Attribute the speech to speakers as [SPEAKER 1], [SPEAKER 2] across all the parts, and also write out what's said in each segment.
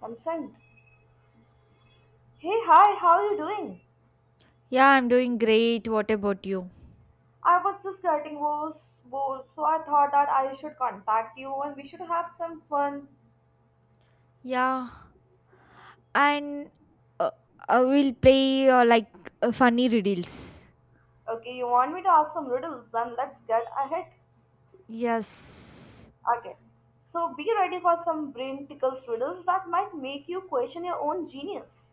[SPEAKER 1] Consent. Hey, hi, how are you doing?
[SPEAKER 2] Yeah, I'm doing great. What about you?
[SPEAKER 1] I was just getting was bored, so I thought that I should contact you and we should have some fun.
[SPEAKER 2] Yeah, and uh, I will play like funny riddles.
[SPEAKER 1] Okay, you want me to ask some riddles? Then let's get ahead.
[SPEAKER 2] Yes,
[SPEAKER 1] Okay. So be ready for some brain tickles riddles that might make you question your own genius.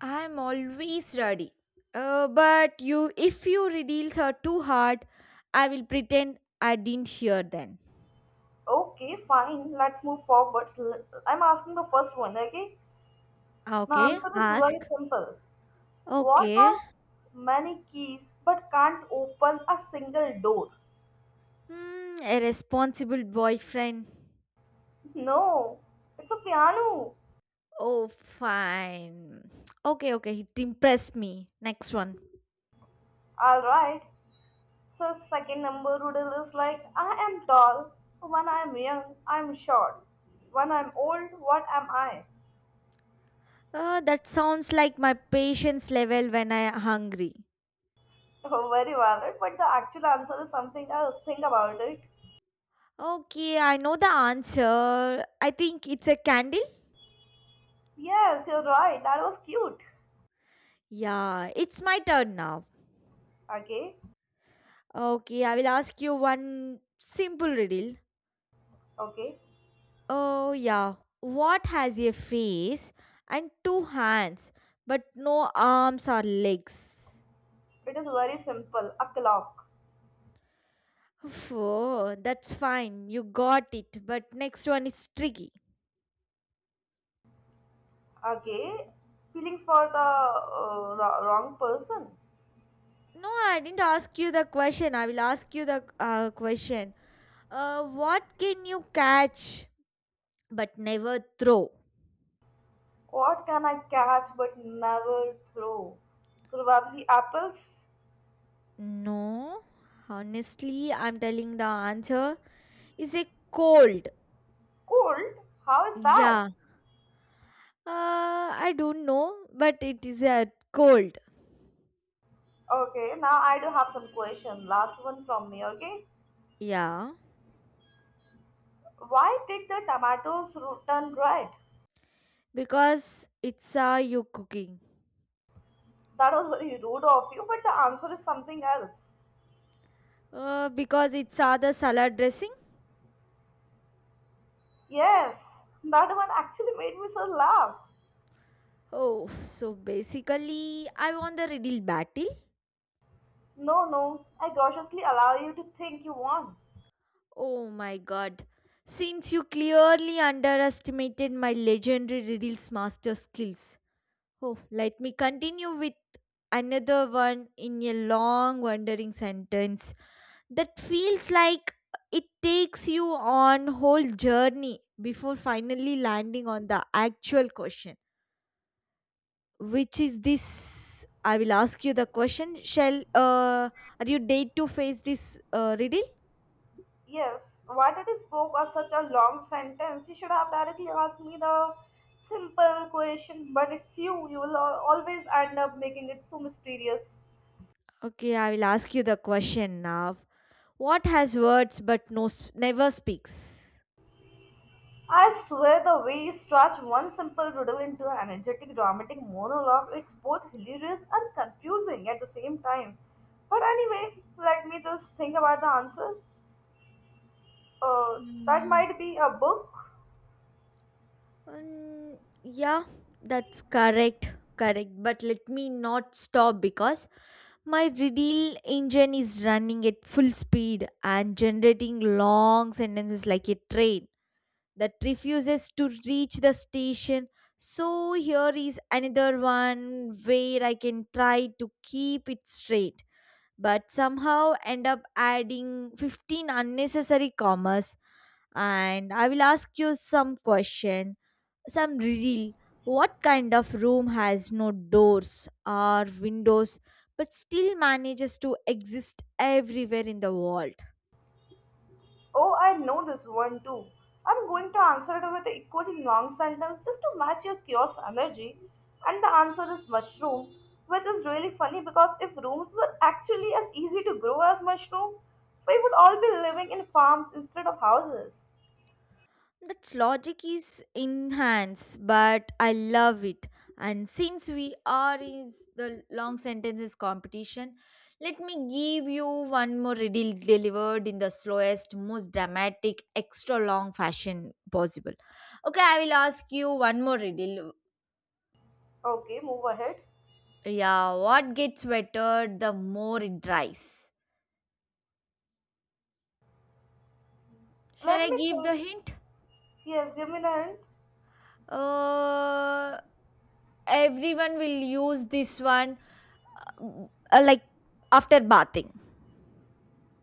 [SPEAKER 2] I'm always ready. But you, if your riddles are too hard, I will pretend I didn't hear them.
[SPEAKER 1] Okay, fine. Let's move forward. I'm asking the first one, okay? My
[SPEAKER 2] Okay.
[SPEAKER 1] answer is very
[SPEAKER 2] Ask.
[SPEAKER 1] simple. What
[SPEAKER 2] Okay.
[SPEAKER 1] has many keys but can't open a single door?
[SPEAKER 2] A responsible boyfriend.
[SPEAKER 1] No, it's a piano.
[SPEAKER 2] Oh, fine. Okay, okay. It impressed me. Next one.
[SPEAKER 1] Alright. So second number riddle is like I am tall, when I am young, I am short. When I am old, what am I?
[SPEAKER 2] That sounds like my patience level when I'm hungry.
[SPEAKER 1] Oh, very valid, but the actual answer is something else. Think about it.
[SPEAKER 2] Okay, I know the answer. I think it's a candle.
[SPEAKER 1] Yes, you're right. That was cute.
[SPEAKER 2] Yeah, it's my turn now.
[SPEAKER 1] Okay,
[SPEAKER 2] Okay, I will ask you one simple riddle.
[SPEAKER 1] okay.
[SPEAKER 2] Oh, yeah. What has a face and two hands but no arms or legs?
[SPEAKER 1] It is very simple. A clock.
[SPEAKER 2] Oof, oh, that's fine. You got it. But next one is tricky.
[SPEAKER 1] Okay. Feelings for the wrong person.
[SPEAKER 2] No, I didn't ask you the question. I will ask you the question. What can you catch but never throw?
[SPEAKER 1] What can I catch but never throw? Probably apples.
[SPEAKER 2] No, honestly, I'm telling the answer is a cold.
[SPEAKER 1] Cold? How is that?
[SPEAKER 2] Yeah. I don't know, but it is a cold.
[SPEAKER 1] Okay, now I do have some question. Last one from me, okay?
[SPEAKER 2] Yeah,
[SPEAKER 1] Why did the tomatoes turn red?
[SPEAKER 2] because it's you cooking.
[SPEAKER 1] That was very rude of you, but the answer is something else.
[SPEAKER 2] Because it's the salad dressing.
[SPEAKER 1] Yes, that one actually made me so laugh.
[SPEAKER 2] Oh, so basically, I won the riddle battle.
[SPEAKER 1] No, no, I graciously allow you to think you want.
[SPEAKER 2] Oh my god. Since you clearly underestimated my legendary riddles master skills. Oh, let me continue with another one in a long, wandering sentence that feels like it takes you on whole journey before finally landing on the actual question, which is this. I will ask you the question, shall, are you date to face this riddle?
[SPEAKER 1] Yes, why did he spoke as such a long sentence? You should have directly asked me the simple question, but it's you. You will always end up making it so mysterious.
[SPEAKER 2] Okay, I will ask you the question now. What has words but never speaks?
[SPEAKER 1] I swear the way you stretch one simple riddle into an energetic dramatic monologue, it's both hilarious and confusing at the same time. But anyway, let me just think about the answer. Uh, that
[SPEAKER 2] Hmm.
[SPEAKER 1] might be a book.
[SPEAKER 2] Yeah, that's correct. Correct. But let me not stop, because my radial engine is running at full speed and generating long sentences like a train that refuses to reach the station. So here is another one where I can try to keep it straight, but somehow end up adding 15 unnecessary commas, and I will ask you some question, some real. What kind of room has no doors or windows but still manages to exist everywhere in the world?
[SPEAKER 1] Oh, I know this one too. I'm going to answer it with an equally long sentence just to match your chaos energy. And the answer is mushroom, which is really funny because if rooms were actually as easy to grow as mushroom, we would all be living in farms instead of houses.
[SPEAKER 2] That's logic is enhanced, but I love it. And since we are in the long sentences competition, let me give you one more riddle delivered in the slowest, most dramatic, extra long fashion possible. Okay, I will ask you one more riddle.
[SPEAKER 1] Okay, move ahead.
[SPEAKER 2] Yeah, what gets wetter the more it dries? Shall
[SPEAKER 1] Let
[SPEAKER 2] I
[SPEAKER 1] me
[SPEAKER 2] give the
[SPEAKER 1] think.
[SPEAKER 2] hint?
[SPEAKER 1] Yes, give me the hint.
[SPEAKER 2] Uh, everyone will use this one, like after bathing.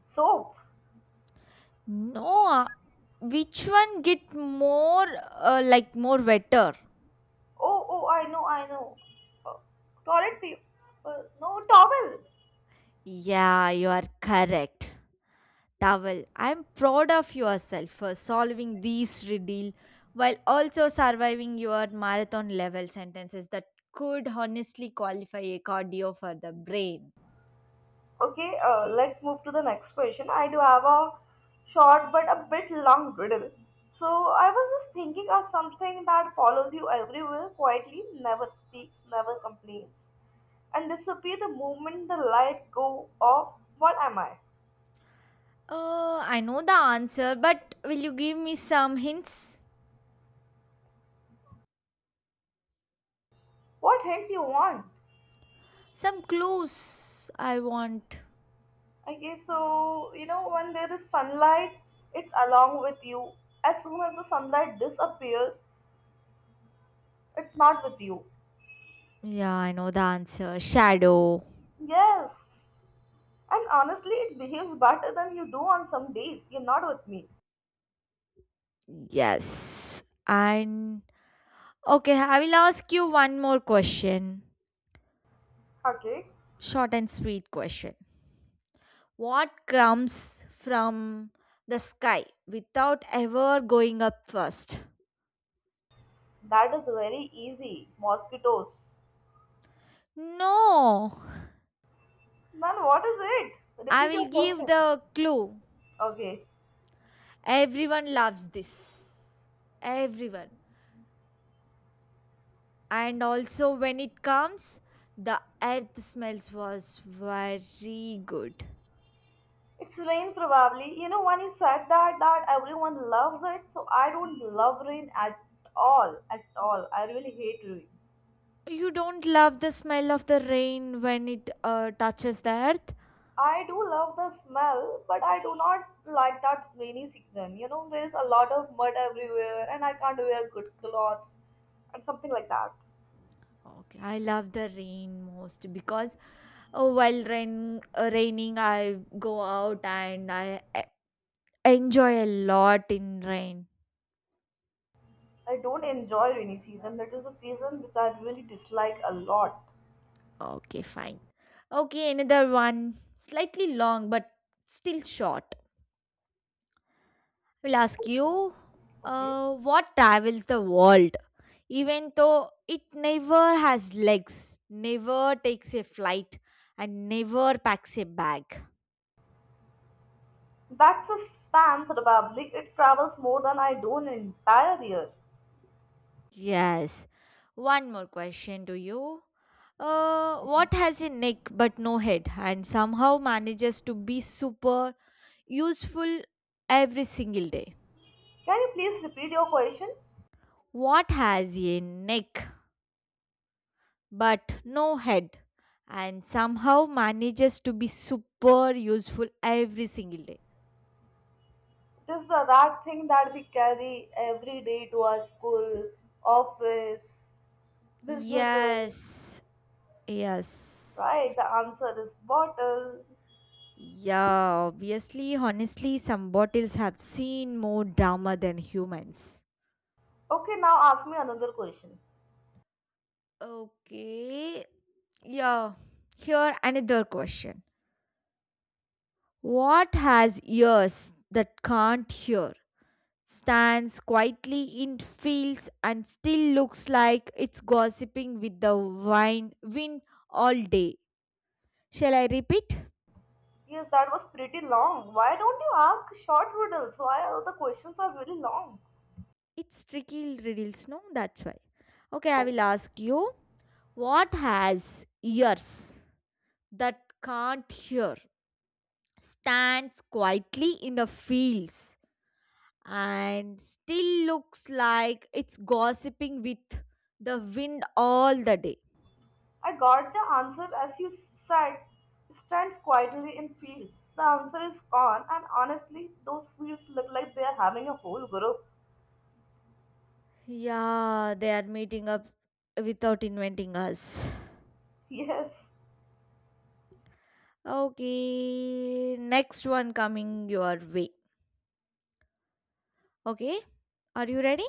[SPEAKER 1] Soap.
[SPEAKER 2] No, which one get more, like more wetter?
[SPEAKER 1] Oh, oh, I know, I know. Uh, Toilet paper. No, towel.
[SPEAKER 2] Yeah, you are correct. Towel, I'm proud of yourself for solving these riddle while also surviving your marathon level sentences that could honestly qualify a cardio for the brain.
[SPEAKER 1] Okay, let's move to the next question. I do have a short but a bit long riddle. So I was just thinking of something that follows you everywhere quietly, never speaks, never complains, and disappear the moment the light go off. What am I?
[SPEAKER 2] I know the answer, but will you give me some hints?
[SPEAKER 1] What hints you want?
[SPEAKER 2] Some clues I want.
[SPEAKER 1] Okay, so you know when there is sunlight, it's along with you. As soon as the sunlight disappears, it's not with you.
[SPEAKER 2] Yeah, I know the answer. Shadow.
[SPEAKER 1] Yes. And honestly, it behaves better than you do on some days. You're not with me.
[SPEAKER 2] Yes. And okay, I will ask you one more question.
[SPEAKER 1] Okay.
[SPEAKER 2] Short and sweet question. What comes from the sky without ever going up first?
[SPEAKER 1] That is very easy. Mosquitoes.
[SPEAKER 2] No,
[SPEAKER 1] Then what is it?
[SPEAKER 2] I
[SPEAKER 1] Repeat
[SPEAKER 2] will
[SPEAKER 1] your
[SPEAKER 2] give
[SPEAKER 1] question.
[SPEAKER 2] the clue.
[SPEAKER 1] Okay.
[SPEAKER 2] Everyone loves this. Everyone. And also, when it comes, the earth smells was very good.
[SPEAKER 1] It's rain probably. You know when you said that everyone loves it, so I don't love rain at all. At all. I really hate rain.
[SPEAKER 2] You don't love the smell of the rain when it touches the earth?
[SPEAKER 1] I do love the smell, but I do not like that rainy season. You know, there is a lot of mud everywhere, and I can't wear good clothes and something like that.
[SPEAKER 2] Okay, I love the rain most because, oh, while rain, raining, I go out and I enjoy a lot in rain.
[SPEAKER 1] I don't enjoy rainy season. That is the season which I really dislike a lot.
[SPEAKER 2] Okay, fine. Okay, another one. Slightly long, but still short. I will ask you,
[SPEAKER 1] Okay.
[SPEAKER 2] what travels the world, even though it never has legs, never takes a flight, and never packs a bag?
[SPEAKER 1] That's a spam probably. It travels more than I do in an entire year.
[SPEAKER 2] Yes. One more question to you. What
[SPEAKER 1] Okay.
[SPEAKER 2] has a neck but no head and somehow manages to be super useful every single day?
[SPEAKER 1] Can you please repeat your question?
[SPEAKER 2] What has a neck but no head and somehow manages to be super useful every single day?
[SPEAKER 1] It is the that thing that we carry every day to our school, office, businesses.
[SPEAKER 2] Yes,
[SPEAKER 1] Right,
[SPEAKER 2] yes.
[SPEAKER 1] the answer is bottle.
[SPEAKER 2] Yeah, obviously, honestly, some bottles have seen more drama than humans.
[SPEAKER 1] Okay, now ask me another question.
[SPEAKER 2] Okay. Yeah. Here another question. What has ears that can't hear? Stands quietly in fields and still looks like it's gossiping with the wine wind all day. Shall I repeat?
[SPEAKER 1] Yes, that was pretty long. Why don't you ask short riddles? Why all the questions are really long?
[SPEAKER 2] It's tricky riddles, no? That's why. Okay, I will ask you. What has ears that can't hear? Stands quietly in the fields and still looks like it's gossiping with the wind all the day.
[SPEAKER 1] I got the answer as you said, stands quietly in fields. The answer is corn, and honestly, those fields look like they are having a whole group.
[SPEAKER 2] Yeah, they are meeting up without inventing us.
[SPEAKER 1] Yes,
[SPEAKER 2] Okay, next one coming your way. Okay, are you ready?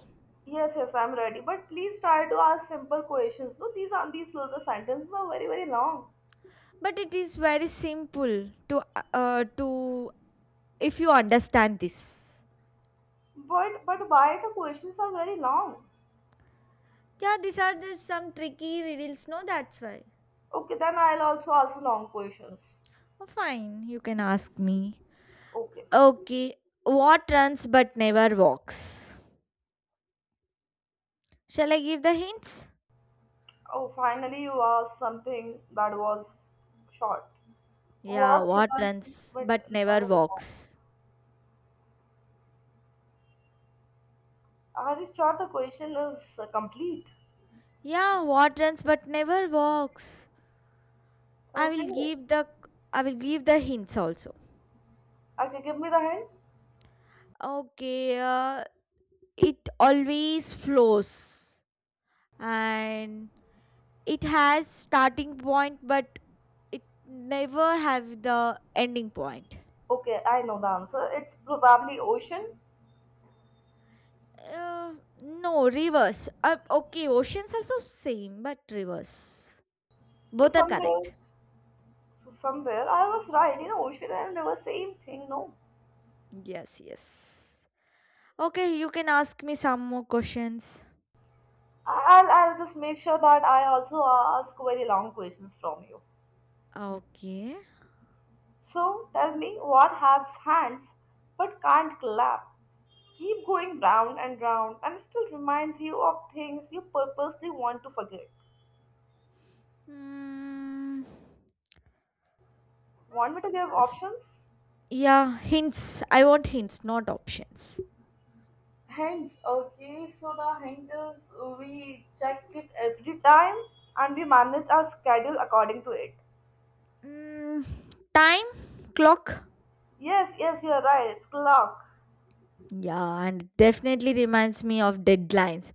[SPEAKER 1] yes, yes, I'm ready. But please try to ask simple questions. No, these are these little sentences are very very long.
[SPEAKER 2] But it is very simple to if you understand this.
[SPEAKER 1] But why the questions are very long?
[SPEAKER 2] Yeah, these are the some tricky riddles. No, that's why.
[SPEAKER 1] Okay, then I'll also ask long questions.
[SPEAKER 2] Oh, fine, you can ask me.
[SPEAKER 1] Okay.
[SPEAKER 2] Okay, what runs but never walks? Shall I give the hints?
[SPEAKER 1] Oh, finally you asked something that was short.
[SPEAKER 2] Yeah,
[SPEAKER 1] What should
[SPEAKER 2] what
[SPEAKER 1] I do?
[SPEAKER 2] runs
[SPEAKER 1] But
[SPEAKER 2] but
[SPEAKER 1] no,
[SPEAKER 2] never
[SPEAKER 1] no, no.
[SPEAKER 2] walks?
[SPEAKER 1] Are you sure the question is complete?
[SPEAKER 2] Yeah, what runs but never walks? I will
[SPEAKER 1] Okay.
[SPEAKER 2] give the I will give the hints also.
[SPEAKER 1] Okay, give me the hint.
[SPEAKER 2] Okay, it always flows and it has starting point, but it never have the ending point.
[SPEAKER 1] Okay, I know the answer. It's probably ocean.
[SPEAKER 2] Uh, no, reverse. Okay, oceans also same but reverse.
[SPEAKER 1] So
[SPEAKER 2] Both are
[SPEAKER 1] somewhere,
[SPEAKER 2] correct.
[SPEAKER 1] so somewhere I was right. You know, ocean and river, same thing. No,
[SPEAKER 2] Yes, yes. Okay, you can ask me some more questions.
[SPEAKER 1] I'll just make sure that I also ask very long questions from you.
[SPEAKER 2] Okay.
[SPEAKER 1] So tell me, what has hands but can't clap? Keep going round and round, and still reminds you of things you purposely want to forget.
[SPEAKER 2] Hmm.
[SPEAKER 1] Want me to give
[SPEAKER 2] S-
[SPEAKER 1] options?
[SPEAKER 2] Yeah, hints. I want hints, not options.
[SPEAKER 1] Hands okay, so the hint is we check it every time and we manage our schedule according to it.
[SPEAKER 2] Mm, time, clock.
[SPEAKER 1] Yes, yes, you're right, it's clock.
[SPEAKER 2] Yeah, and it definitely reminds me of deadlines.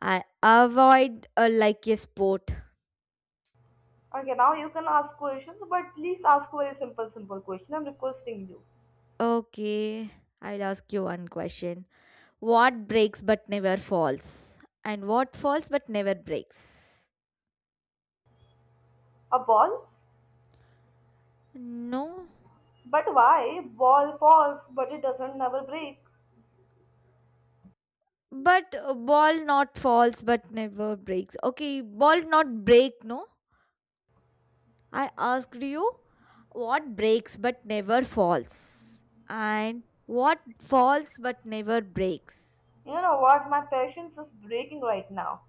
[SPEAKER 2] I avoid a like a sport.
[SPEAKER 1] Okay, now you can ask questions, but please ask a very simple, simple question. I'm requesting you.
[SPEAKER 2] Okay, I'll ask you one question. What breaks but never falls? And what falls but never breaks?
[SPEAKER 1] A ball?
[SPEAKER 2] No.
[SPEAKER 1] But why? Ball falls, but it doesn't never break.
[SPEAKER 2] But ball not falls but never breaks. Okay, ball not break, no? I asked you what breaks but never falls and what falls but never breaks.
[SPEAKER 1] You know what? My patience is breaking right now.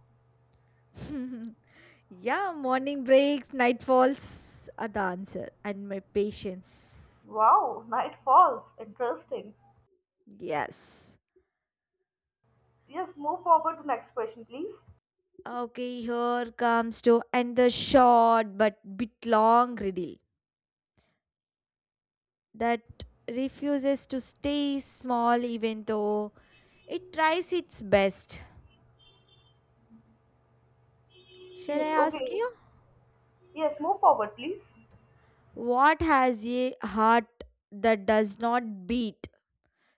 [SPEAKER 2] Yeah, morning breaks, night falls are the answer, and my patience.
[SPEAKER 1] Wow, night falls. Interesting.
[SPEAKER 2] Yes.
[SPEAKER 1] Yes, move forward to next question, please.
[SPEAKER 2] Okay, here comes to end the short but bit long riddle that refuses to stay small even though it tries its best. Shall I
[SPEAKER 1] Yes,
[SPEAKER 2] ask
[SPEAKER 1] okay.
[SPEAKER 2] you?
[SPEAKER 1] Yes, move forward, please.
[SPEAKER 2] What has a heart that does not beat?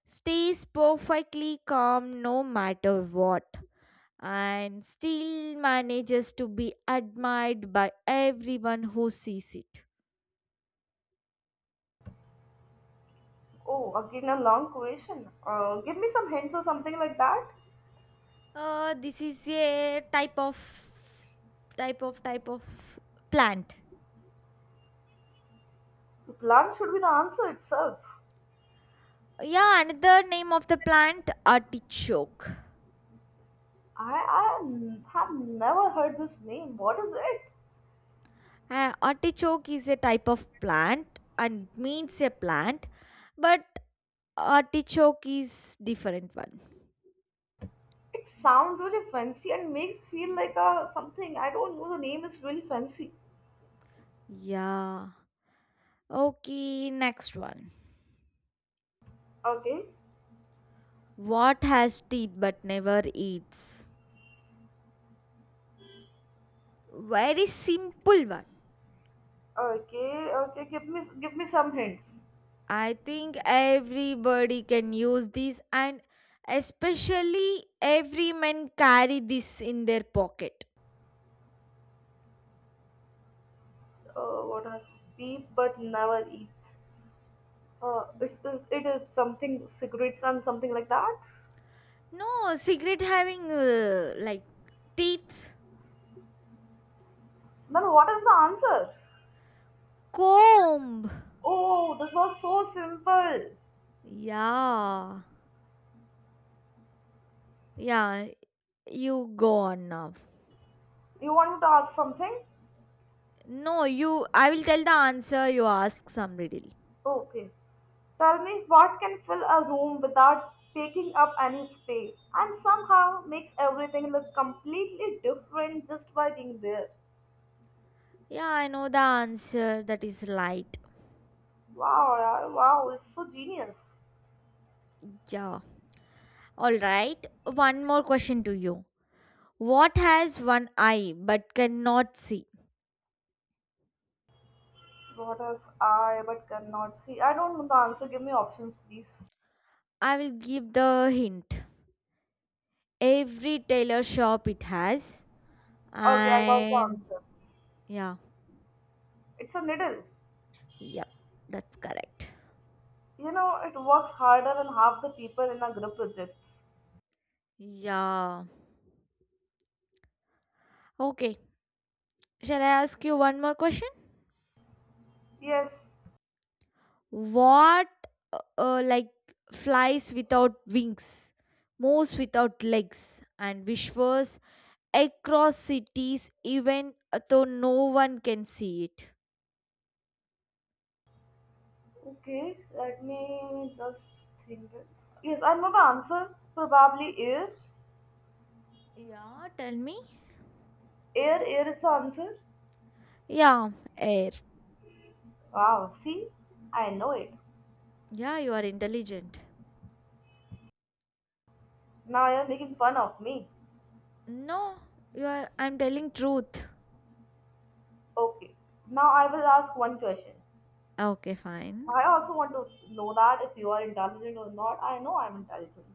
[SPEAKER 2] Stays perfectly calm no matter what, and still manages to be admired by everyone who sees it.
[SPEAKER 1] Oh, again a long question. Give me some hints or something like that.
[SPEAKER 2] This is a type of plant.
[SPEAKER 1] Plan should be the answer itself.
[SPEAKER 2] Yeah, another name of the plant artichoke.
[SPEAKER 1] I have never heard this name. What is it?
[SPEAKER 2] Artichoke is a type of plant and means a plant, but artichoke is different one.
[SPEAKER 1] It sounds really fancy and makes feel like a something. I don't know. The name is really fancy.
[SPEAKER 2] Yeah. Okay, next one.
[SPEAKER 1] Okay,
[SPEAKER 2] What has teeth but never eats? Very simple one.
[SPEAKER 1] okay. Give me some hints.
[SPEAKER 2] I think everybody can use this, and especially every man carry this in their pocket.
[SPEAKER 1] What has teeth but never eats? It is something cigarettes and something like that.
[SPEAKER 2] No, cigarette having like teeth.
[SPEAKER 1] Then what is the answer?
[SPEAKER 2] Comb.
[SPEAKER 1] Oh, this was so simple.
[SPEAKER 2] Yeah, yeah, you go on now.
[SPEAKER 1] You want to ask something?
[SPEAKER 2] No, you, I will tell the answer. You ask some riddle.
[SPEAKER 1] Okay. Tell me what can fill a room without taking up any space and somehow makes everything look completely different just by being there.
[SPEAKER 2] Yeah, I know the answer. That is light.
[SPEAKER 1] Wow, yeah, wow, it's so genius.
[SPEAKER 2] Yeah. All right. One more question to you. What has one eye but cannot see?
[SPEAKER 1] What else I but cannot see? I don't know the answer. Give me options, please.
[SPEAKER 2] I will give the hint. Every tailor shop it has.
[SPEAKER 1] Okay, I got the
[SPEAKER 2] And
[SPEAKER 1] answer.
[SPEAKER 2] yeah,
[SPEAKER 1] It's a needle.
[SPEAKER 2] yep, that's correct.
[SPEAKER 1] You know, it works harder than half the people in a group projects.
[SPEAKER 2] Yeah. Okay. Shall I ask you one more question?
[SPEAKER 1] Yes,
[SPEAKER 2] What, like, flies without wings, moves without legs, and whispers across cities even though no one can see it?
[SPEAKER 1] okay, let me just think. Yes, I know the answer. Probably air.
[SPEAKER 2] Yeah, tell me.
[SPEAKER 1] Air is the answer.
[SPEAKER 2] Yeah, air.
[SPEAKER 1] Wow, see? I know it.
[SPEAKER 2] Yeah, you are intelligent.
[SPEAKER 1] Now you're making fun of me.
[SPEAKER 2] No, you are. I'm telling truth.
[SPEAKER 1] Okay, now I will ask one question.
[SPEAKER 2] Okay, fine.
[SPEAKER 1] I also want to know that if you are intelligent or not. I know I'm intelligent.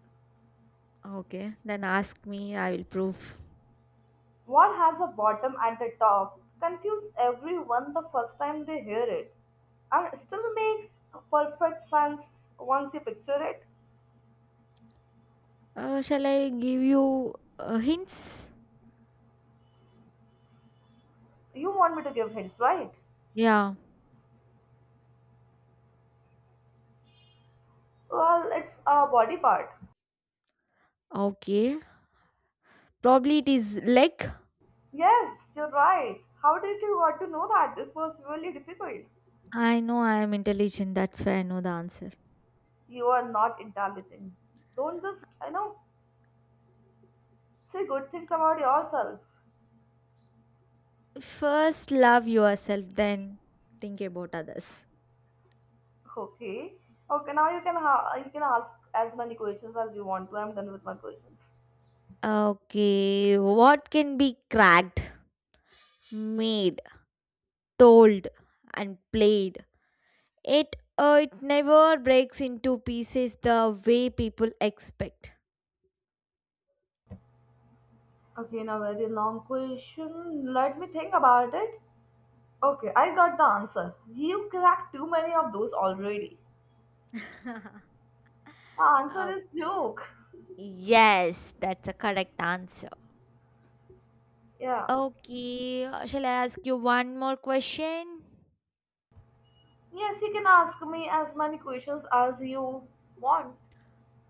[SPEAKER 2] Okay, then ask me. I will prove.
[SPEAKER 1] What has a bottom and a top? Confuse everyone the first time they hear it. And it still makes perfect sense once you picture it.
[SPEAKER 2] Shall I give you hints?
[SPEAKER 1] You want me to give hints, right?
[SPEAKER 2] Yeah.
[SPEAKER 1] Well, it's a body part.
[SPEAKER 2] Okay. Probably it is leg.
[SPEAKER 1] Yes, you're right. How did you got to know that? This was really difficult.
[SPEAKER 2] I know I am intelligent, that's why I know the answer.
[SPEAKER 1] You are not intelligent. Don't just, you know, say good things about yourself.
[SPEAKER 2] First, love yourself, then think about others.
[SPEAKER 1] Okay. Okay, now you can you can ask as many questions as you want to. I'm done with my questions.
[SPEAKER 2] Okay, what can be cracked, made, told, and played? It never breaks into pieces the way people expect.
[SPEAKER 1] Okay, now very long question. Let me think about it. Okay, I got the answer. You cracked too many of those already.
[SPEAKER 2] Okay.
[SPEAKER 1] The answer is joke.
[SPEAKER 2] Yes, that's a correct answer.
[SPEAKER 1] Yeah.
[SPEAKER 2] Okay, shall I ask you one more question?
[SPEAKER 1] Yes, you can ask me as many questions as you want.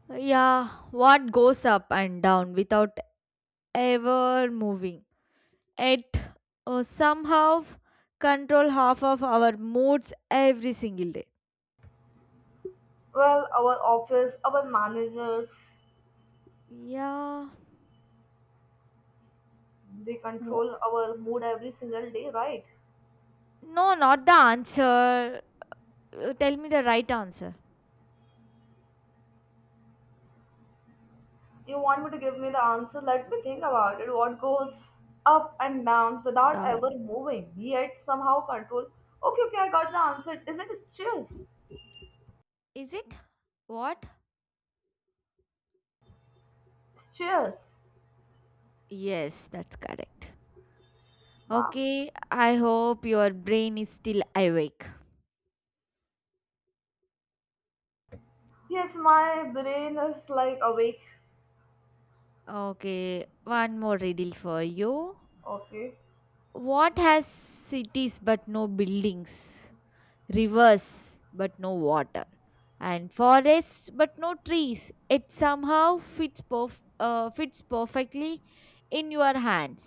[SPEAKER 2] Yeah, what goes up and down without ever moving? It somehow control half of our moods every single day.
[SPEAKER 1] Well, our office, our managers,
[SPEAKER 2] Yeah.
[SPEAKER 1] they
[SPEAKER 2] Wha-
[SPEAKER 1] control our mood every single day, right?
[SPEAKER 2] No, not the answer. Tell me the right answer.
[SPEAKER 1] You want me to give me the answer? Let me think about it. What goes up and down without
[SPEAKER 2] No. No.
[SPEAKER 1] ever moving, yet somehow control? Okay, I got the answer. Is it stress?
[SPEAKER 2] Is it? What?
[SPEAKER 1] Stress.
[SPEAKER 2] Yes, that's correct.
[SPEAKER 1] Wow.
[SPEAKER 2] Okay, I hope your brain is still awake.
[SPEAKER 1] Yes, my brain is like awake.
[SPEAKER 2] Okay, one more riddle for you.
[SPEAKER 1] Okay.
[SPEAKER 2] What has cities but no buildings? Rivers but no water. And forests but no trees. It somehow fits perfectly in your hands.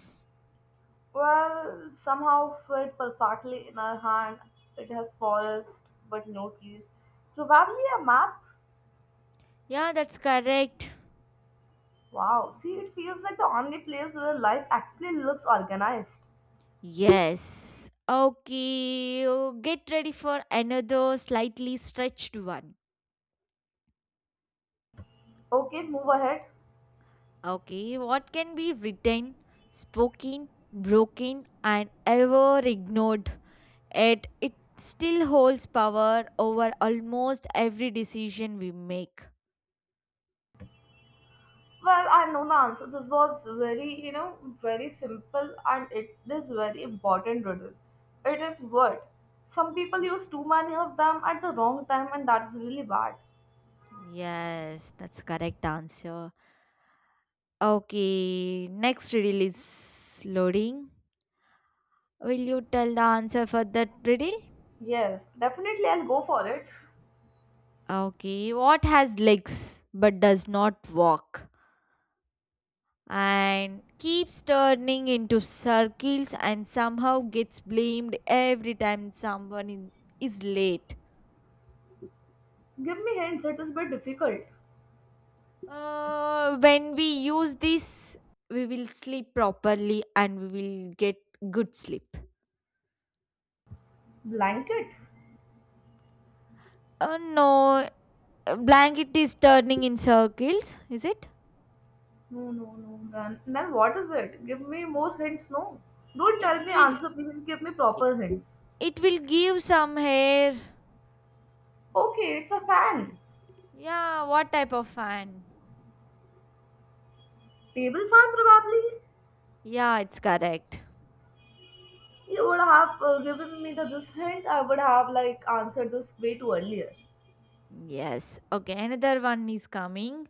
[SPEAKER 1] Well, somehow fit perfectly in our hand. It has forest, but no trees. Probably a map.
[SPEAKER 2] Yeah, that's correct.
[SPEAKER 1] Wow, see, it feels like the only place where life actually looks organized.
[SPEAKER 2] Yes. Okay. Oh, get ready for another slightly stretched one.
[SPEAKER 1] Okay, move ahead.
[SPEAKER 2] Okay, what can be written, spoken, broken, and ever ignored? It still holds power over almost every decision we make.
[SPEAKER 1] Well, I know the answer. This was very, you know, very simple and it is very important riddle. It is word. Some people use too many of them at the wrong time and that's really bad.
[SPEAKER 2] Yes, that's correct answer. Okay, next riddle is loading. Will you tell the answer for that riddle?
[SPEAKER 1] Yes, definitely I'll go for it.
[SPEAKER 2] Okay, what has legs but does not walk and keeps turning into circles and somehow gets blamed every time someone is late?
[SPEAKER 1] Give me hints, it is a bit difficult.
[SPEAKER 2] When we use this, we will sleep properly and we will get good sleep.
[SPEAKER 1] Blanket?
[SPEAKER 2] No, a blanket is turning in circles, is it?
[SPEAKER 1] No, no, no. Then what is it? Give me more hints. No. Don't
[SPEAKER 2] It
[SPEAKER 1] tell me
[SPEAKER 2] will
[SPEAKER 1] answer. Please give me
[SPEAKER 2] i-
[SPEAKER 1] proper hints.
[SPEAKER 2] it will give some hair.
[SPEAKER 1] Okay, it's a fan.
[SPEAKER 2] Yeah, what type of fan?
[SPEAKER 1] Table fan, probably.
[SPEAKER 2] Yeah, it's correct.
[SPEAKER 1] You would have given me the this hint. I would have like answered this way too earlier.
[SPEAKER 2] Yes. Okay, another one is coming.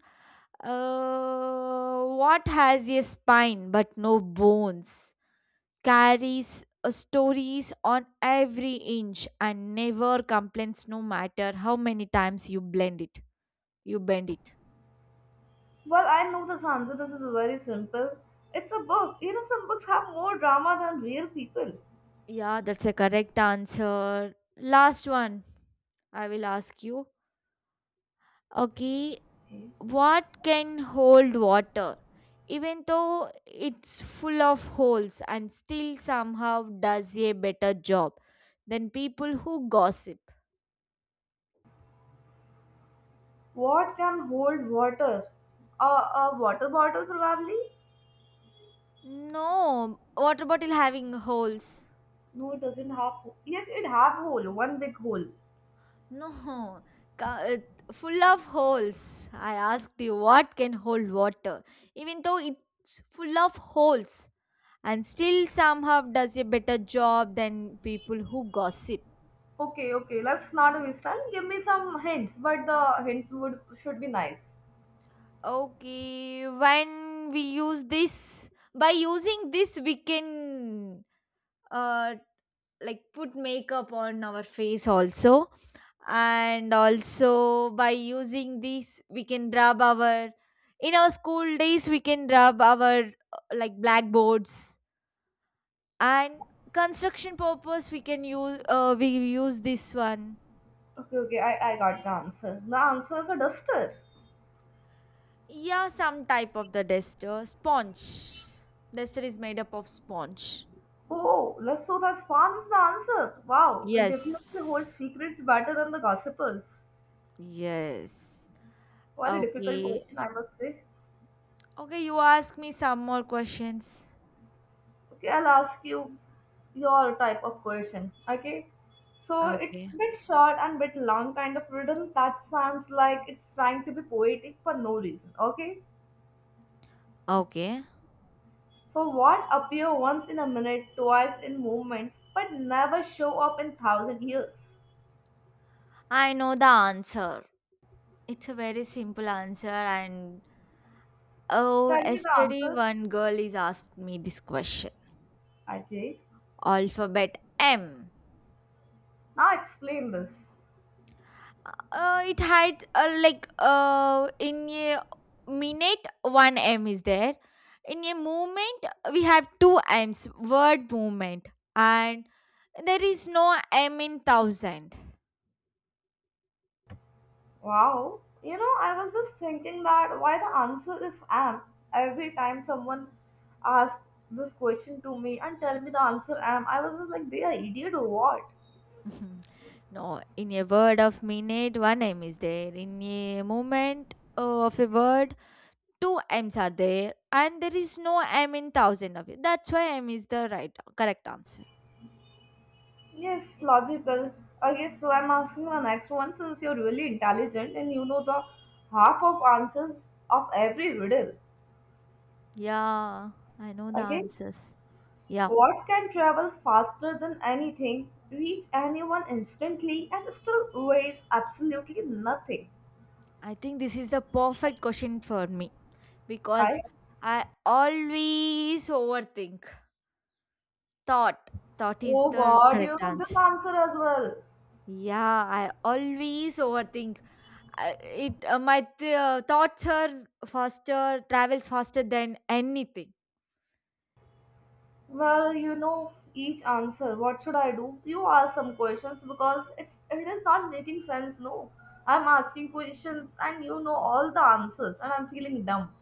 [SPEAKER 2] What has a spine but no bones? Carries stories on every inch and never complains no matter how many times you blend it. You bend it.
[SPEAKER 1] Well, I know this answer. This is very simple. It's a book. You know, some books have more drama than real people.
[SPEAKER 2] Yeah, that's a correct answer. Last one. I will ask you. Okay,
[SPEAKER 1] Okay.
[SPEAKER 2] what can hold water even though it's full of holes and still somehow does a better job than people who gossip?
[SPEAKER 1] What can hold water? A water bottle, probably.
[SPEAKER 2] No, water bottle having holes.
[SPEAKER 1] No, it doesn't have. Yes, it have hole, one big hole.
[SPEAKER 2] No, full of holes. I asked you what can hold water, even though it's full of holes, and still somehow does a better job than people who gossip.
[SPEAKER 1] Okay, okay. Let's not waste time. Give me some hints, but the hints would should be nice.
[SPEAKER 2] Okay, when we use this, by using this, we can uh like put makeup on our face also, and also by using this, we can rub our in our school days we can rub our like blackboards and construction purpose we can use we use this one.
[SPEAKER 1] Okay, okay. I got the answer. The answer is a duster.
[SPEAKER 2] Yeah, some type of the duster sponge. Duster is made up of sponge.
[SPEAKER 1] Oh, let's so the sponge is the answer. Wow, it definitely
[SPEAKER 2] Yes.
[SPEAKER 1] holds secrets better than the gossipers.
[SPEAKER 2] Yes.
[SPEAKER 1] What a difficult
[SPEAKER 2] Okay.
[SPEAKER 1] question, I must say.
[SPEAKER 2] Okay, you ask me some more questions.
[SPEAKER 1] Okay, I'll ask you your type of question. Okay. So it's
[SPEAKER 2] Okay.
[SPEAKER 1] a bit short and bit long kind of riddle that sounds like it's trying to be poetic for no reason. Okay.
[SPEAKER 2] Okay.
[SPEAKER 1] So what appear once in a minute, twice in movements, but never show up in thousand years?
[SPEAKER 2] I know the answer. It's a very simple answer and oh,
[SPEAKER 1] Tell me the
[SPEAKER 2] yesterday
[SPEAKER 1] answer.
[SPEAKER 2] one girl is asked me this question.
[SPEAKER 1] Okay.
[SPEAKER 2] Alphabet M.
[SPEAKER 1] Now explain this.
[SPEAKER 2] It had in a minute one M is there. In a movement we have two M's word movement and there is no M in thousand
[SPEAKER 1] Wow, you know, I was just thinking that why the answer is am. Every time someone asks this question to me and tell me the answer am, I was just like, they are idiot or what?
[SPEAKER 2] no, in a word of minute, one M is there. In a moment of a word, two M's are there, and there is no M in thousand of it. That's why M is the right correct answer.
[SPEAKER 1] Yes, logical. Okay, so I'm asking the next one since you're really intelligent and you know the half of answers of every riddle.
[SPEAKER 2] Yeah, I know the
[SPEAKER 1] Okay,
[SPEAKER 2] answers. Yeah,
[SPEAKER 1] what can travel faster than anything, reach anyone instantly, and still weighs absolutely nothing?
[SPEAKER 2] I think this is the perfect question for me because
[SPEAKER 1] Right?
[SPEAKER 2] I always overthink. Thought, thought is
[SPEAKER 1] Oh
[SPEAKER 2] the
[SPEAKER 1] God, you
[SPEAKER 2] correct
[SPEAKER 1] know this
[SPEAKER 2] answer.
[SPEAKER 1] answer as well.
[SPEAKER 2] Yeah, I always overthink I- it my th- thoughts are faster travels faster than anything.
[SPEAKER 1] Well, you know each answer. What should I do? You ask some questions because it is not making sense. No, I'm asking questions and you know all the answers and I'm feeling dumb.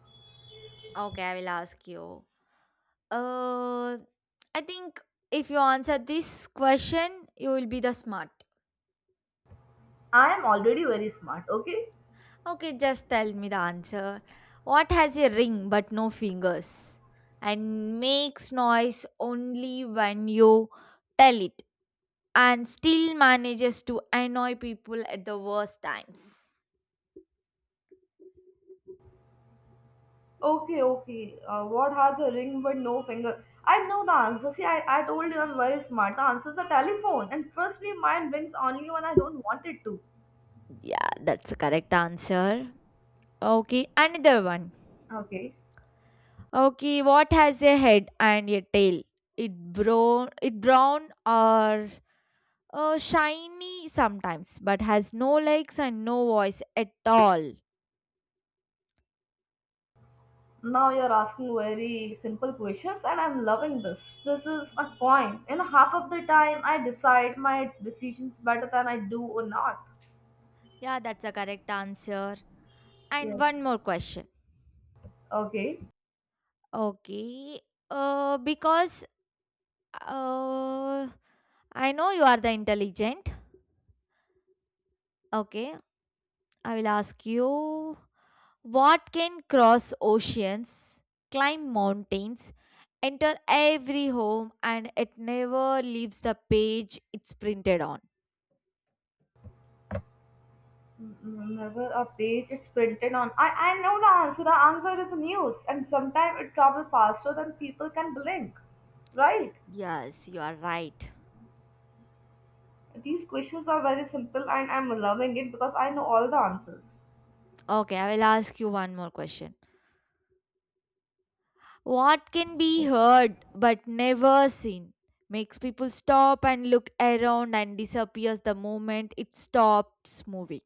[SPEAKER 2] Okay, I will ask you. Uh, I think if you answer this question, you will be the smart.
[SPEAKER 1] I am already very smart. Okay,
[SPEAKER 2] Okay, just tell me the answer. What has a ring but no fingers and makes noise only when you tell it and still manages to annoy people at the worst times?
[SPEAKER 1] okay. What has a ring but no finger? I know the answer. See, I told you I'm very smart. The answer is a telephone, and trust me, mine rings only when I don't want it to.
[SPEAKER 2] Yeah, that's the correct answer. Okay, another one.
[SPEAKER 1] Okay.
[SPEAKER 2] Okay, what has a head and a tail? It brown or shiny sometimes, but has no legs and no voice at all.
[SPEAKER 1] Now you're asking very simple questions, and I'm loving this. This is a point. And half of the time, I decide my decisions better than I do or not.
[SPEAKER 2] Yeah, that's the correct answer. And
[SPEAKER 1] Yes.
[SPEAKER 2] one more question.
[SPEAKER 1] Okay.
[SPEAKER 2] Okay, because uh, I know you are the intelligent. Okay, I will ask you what can cross oceans, climb mountains, enter every home and it never leaves the page it's printed on.
[SPEAKER 1] Never a page is printed on. I know the answer. The answer is news, and sometimes it travels faster than people can blink. Right?
[SPEAKER 2] Yes, you are right.
[SPEAKER 1] These questions are very simple, and I'm loving it because I know all the answers.
[SPEAKER 2] Okay, I will ask you one more question. What can be heard but never seen? Makes people stop and look around and disappears the moment it stops moving.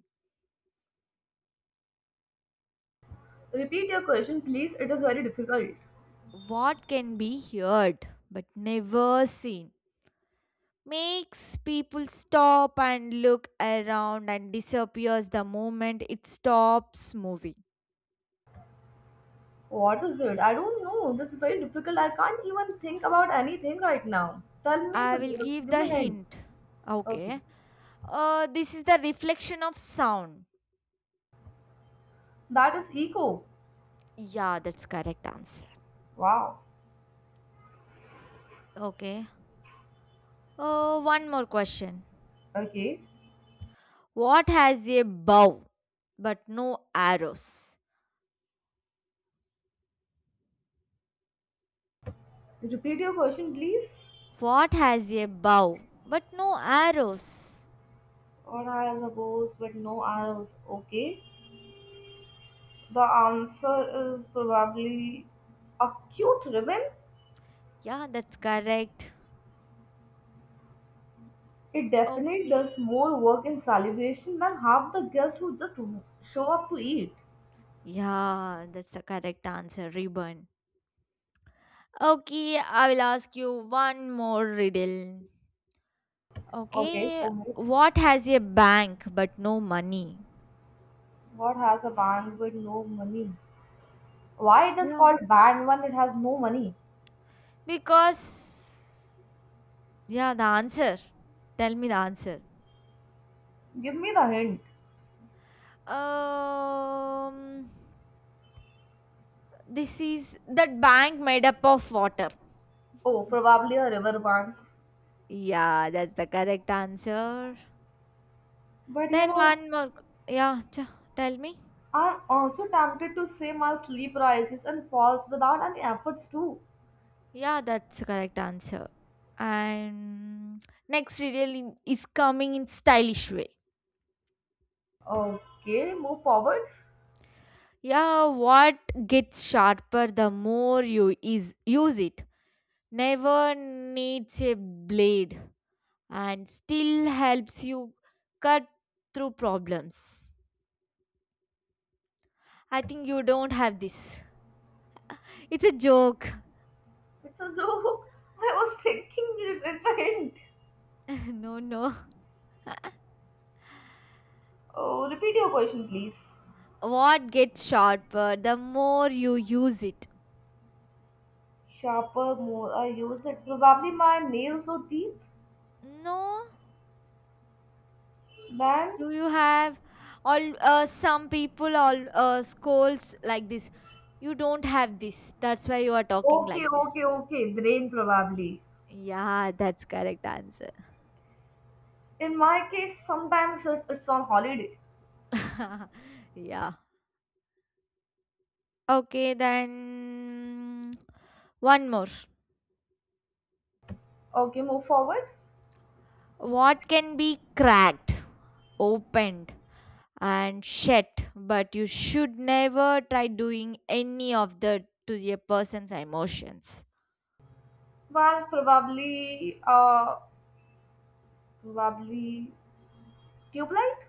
[SPEAKER 1] Repeat your question, please. It is very difficult.
[SPEAKER 2] What can be heard but never seen? Makes people stop and look around and disappears the moment it stops moving.
[SPEAKER 1] What is it? I don't know. This is very difficult. I can't even think about anything right now. Tell me, so
[SPEAKER 2] I will give
[SPEAKER 1] give
[SPEAKER 2] the
[SPEAKER 1] me hints.
[SPEAKER 2] hint.
[SPEAKER 1] Okay.
[SPEAKER 2] Okay. This is the reflection of sound.
[SPEAKER 1] That is eco.
[SPEAKER 2] Yeah, that's correct answer.
[SPEAKER 1] Wow.
[SPEAKER 2] Okay. One more question.
[SPEAKER 1] Okay.
[SPEAKER 2] What has a bow but no arrows?
[SPEAKER 1] Repeat your question, please.
[SPEAKER 2] What has a bow but no arrows?
[SPEAKER 1] Or I suppose, but no arrows. Okay. The answer is probably a cute ribbon?
[SPEAKER 2] Yeah, that's correct.
[SPEAKER 1] It definitely
[SPEAKER 2] Okay.
[SPEAKER 1] does more work in celebration than half the guests who just show up to eat.
[SPEAKER 2] Yeah, that's the correct answer. Ribbon. Okay, I will ask you one more riddle.
[SPEAKER 1] Okay.
[SPEAKER 2] Okay,
[SPEAKER 1] Oh,
[SPEAKER 2] what has a bank but no money?
[SPEAKER 1] what has a band with no money? Why it is
[SPEAKER 2] Yeah.
[SPEAKER 1] called bank when it has no money?
[SPEAKER 2] Because, yeah, the answer. Tell me the answer.
[SPEAKER 1] Give me the hint.
[SPEAKER 2] Um, this is that bank made up of water.
[SPEAKER 1] Oh, probably a river bank.
[SPEAKER 2] Yeah, that's the correct answer.
[SPEAKER 1] But you
[SPEAKER 2] Then
[SPEAKER 1] know,
[SPEAKER 2] one more. Yeah, ch- tell me.
[SPEAKER 1] I'm also tempted to say my sleep rises and falls without any efforts too.
[SPEAKER 2] Yeah, that's the correct answer. And next riddle is coming in stylish way.
[SPEAKER 1] Okay, move forward.
[SPEAKER 2] Yeah, what gets sharper the more you is use it. Never needs a blade and still helps you cut through problems. I think you don't have this. It's a joke.
[SPEAKER 1] It's a joke. I was thinking it's a hint.
[SPEAKER 2] No, no.
[SPEAKER 1] Oh, repeat your question, please.
[SPEAKER 2] What gets sharper the more you use it.
[SPEAKER 1] Sharper, more I use it. Probably my nails or teeth.
[SPEAKER 2] No,
[SPEAKER 1] Then,
[SPEAKER 2] do you have all some people all scolds like this. You don't have this. That's why you are talking like
[SPEAKER 1] okay, okay,
[SPEAKER 2] this.
[SPEAKER 1] okay. Brain probably.
[SPEAKER 2] Yeah, that's correct answer.
[SPEAKER 1] In my case, sometimes it's on holiday.
[SPEAKER 2] Yeah. Okay, then one more.
[SPEAKER 1] Okay, move forward.
[SPEAKER 2] What can be cracked, opened, and shut, but you should never try doing any of the to a person's emotions?
[SPEAKER 1] Well, probably tube light.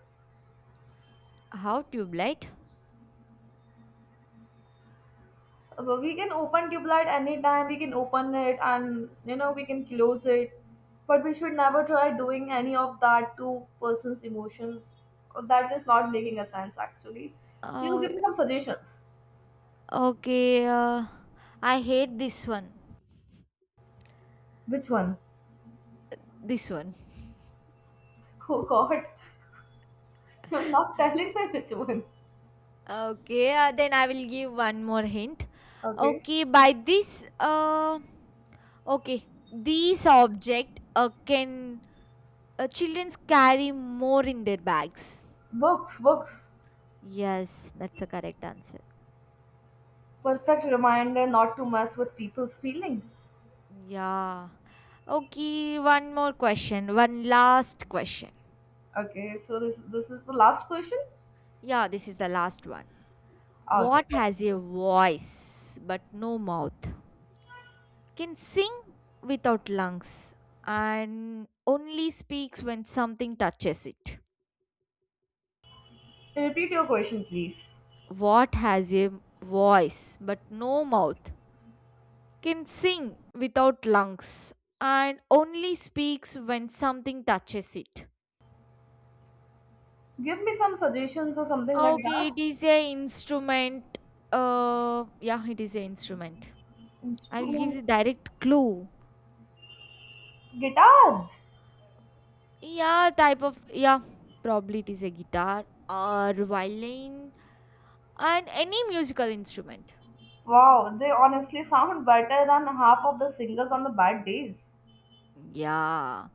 [SPEAKER 2] How tube light?
[SPEAKER 1] We can open tube light anytime. We can open it and you know we can close it, but we should never try doing any of that to person's emotions. That is not making a sense actually. You
[SPEAKER 2] Oh,
[SPEAKER 1] give me some suggestions.
[SPEAKER 2] okay. I hate this one.
[SPEAKER 1] Which one?
[SPEAKER 2] This one.
[SPEAKER 1] Oh God, you're not telling me which one.
[SPEAKER 2] Okay, then I will give one more hint.
[SPEAKER 1] Okay.
[SPEAKER 2] Okay, by this, okay, these object can children carry more in their bags.
[SPEAKER 1] Books.
[SPEAKER 2] Yes, that's the correct answer.
[SPEAKER 1] Perfect reminder not to mess with people's feelings.
[SPEAKER 2] Yeah. Okay, one more question. One last question.
[SPEAKER 1] Okay, so this is the last question.
[SPEAKER 2] Yeah, this is the last one. What
[SPEAKER 1] Okay,
[SPEAKER 2] has a voice but no mouth? Can sing without lungs and only speaks when something touches it.
[SPEAKER 1] repeat your question, please.
[SPEAKER 2] What has a voice but no mouth? Can sing without lungs and only speaks when something touches it.
[SPEAKER 1] Give me some suggestions or something like
[SPEAKER 2] Okay,
[SPEAKER 1] that.
[SPEAKER 2] it is a instrument. Yeah, it is a instrument. I will give
[SPEAKER 1] Instrument,
[SPEAKER 2] you direct clue.
[SPEAKER 1] guitar.
[SPEAKER 2] Yeah, type of yeah, probably it is a guitar or violin and any musical instrument.
[SPEAKER 1] Wow, they honestly sound better than half of the singers on the bad days.
[SPEAKER 2] Yeah,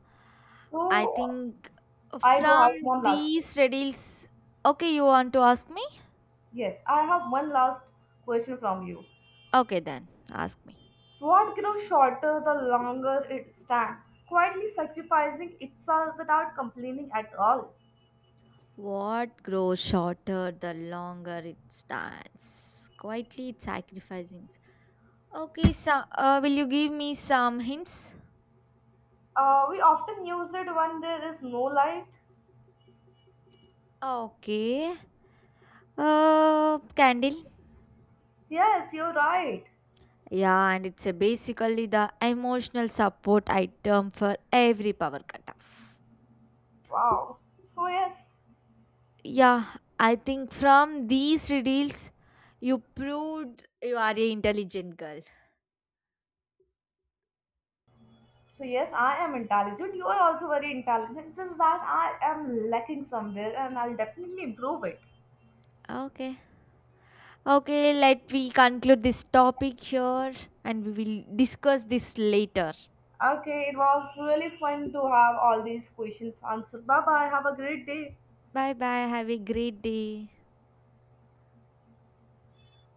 [SPEAKER 2] I
[SPEAKER 1] So
[SPEAKER 2] think
[SPEAKER 1] I do
[SPEAKER 2] from
[SPEAKER 1] have one last.
[SPEAKER 2] these riddles. Okay, you want to ask me?
[SPEAKER 1] Yes, I have one last question from you.
[SPEAKER 2] Okay, then ask me.
[SPEAKER 1] What grows shorter the longer it stands, quietly sacrificing itself without complaining at all?
[SPEAKER 2] What grows shorter the longer it stands? Quietly it sacrificing. Okay, so will you give me some hints?
[SPEAKER 1] We often use it when there is no light.
[SPEAKER 2] Okay. Candle.
[SPEAKER 1] Yes, you're right.
[SPEAKER 2] Yeah, and it's a basically the emotional support item for every power cutoff.
[SPEAKER 1] Wow. So yes,
[SPEAKER 2] Yeah, I think from these reels, you proved you are a intelligent girl.
[SPEAKER 1] so yes, I am intelligent. You are also very intelligent. Just that I am lacking somewhere, and I'll definitely improve it.
[SPEAKER 2] Okay. Okay, let we conclude this topic here and we will discuss this later.
[SPEAKER 1] Okay, it was really fun to have all these questions answered. Bye bye. Have a great day.
[SPEAKER 2] Bye bye. Have a great day.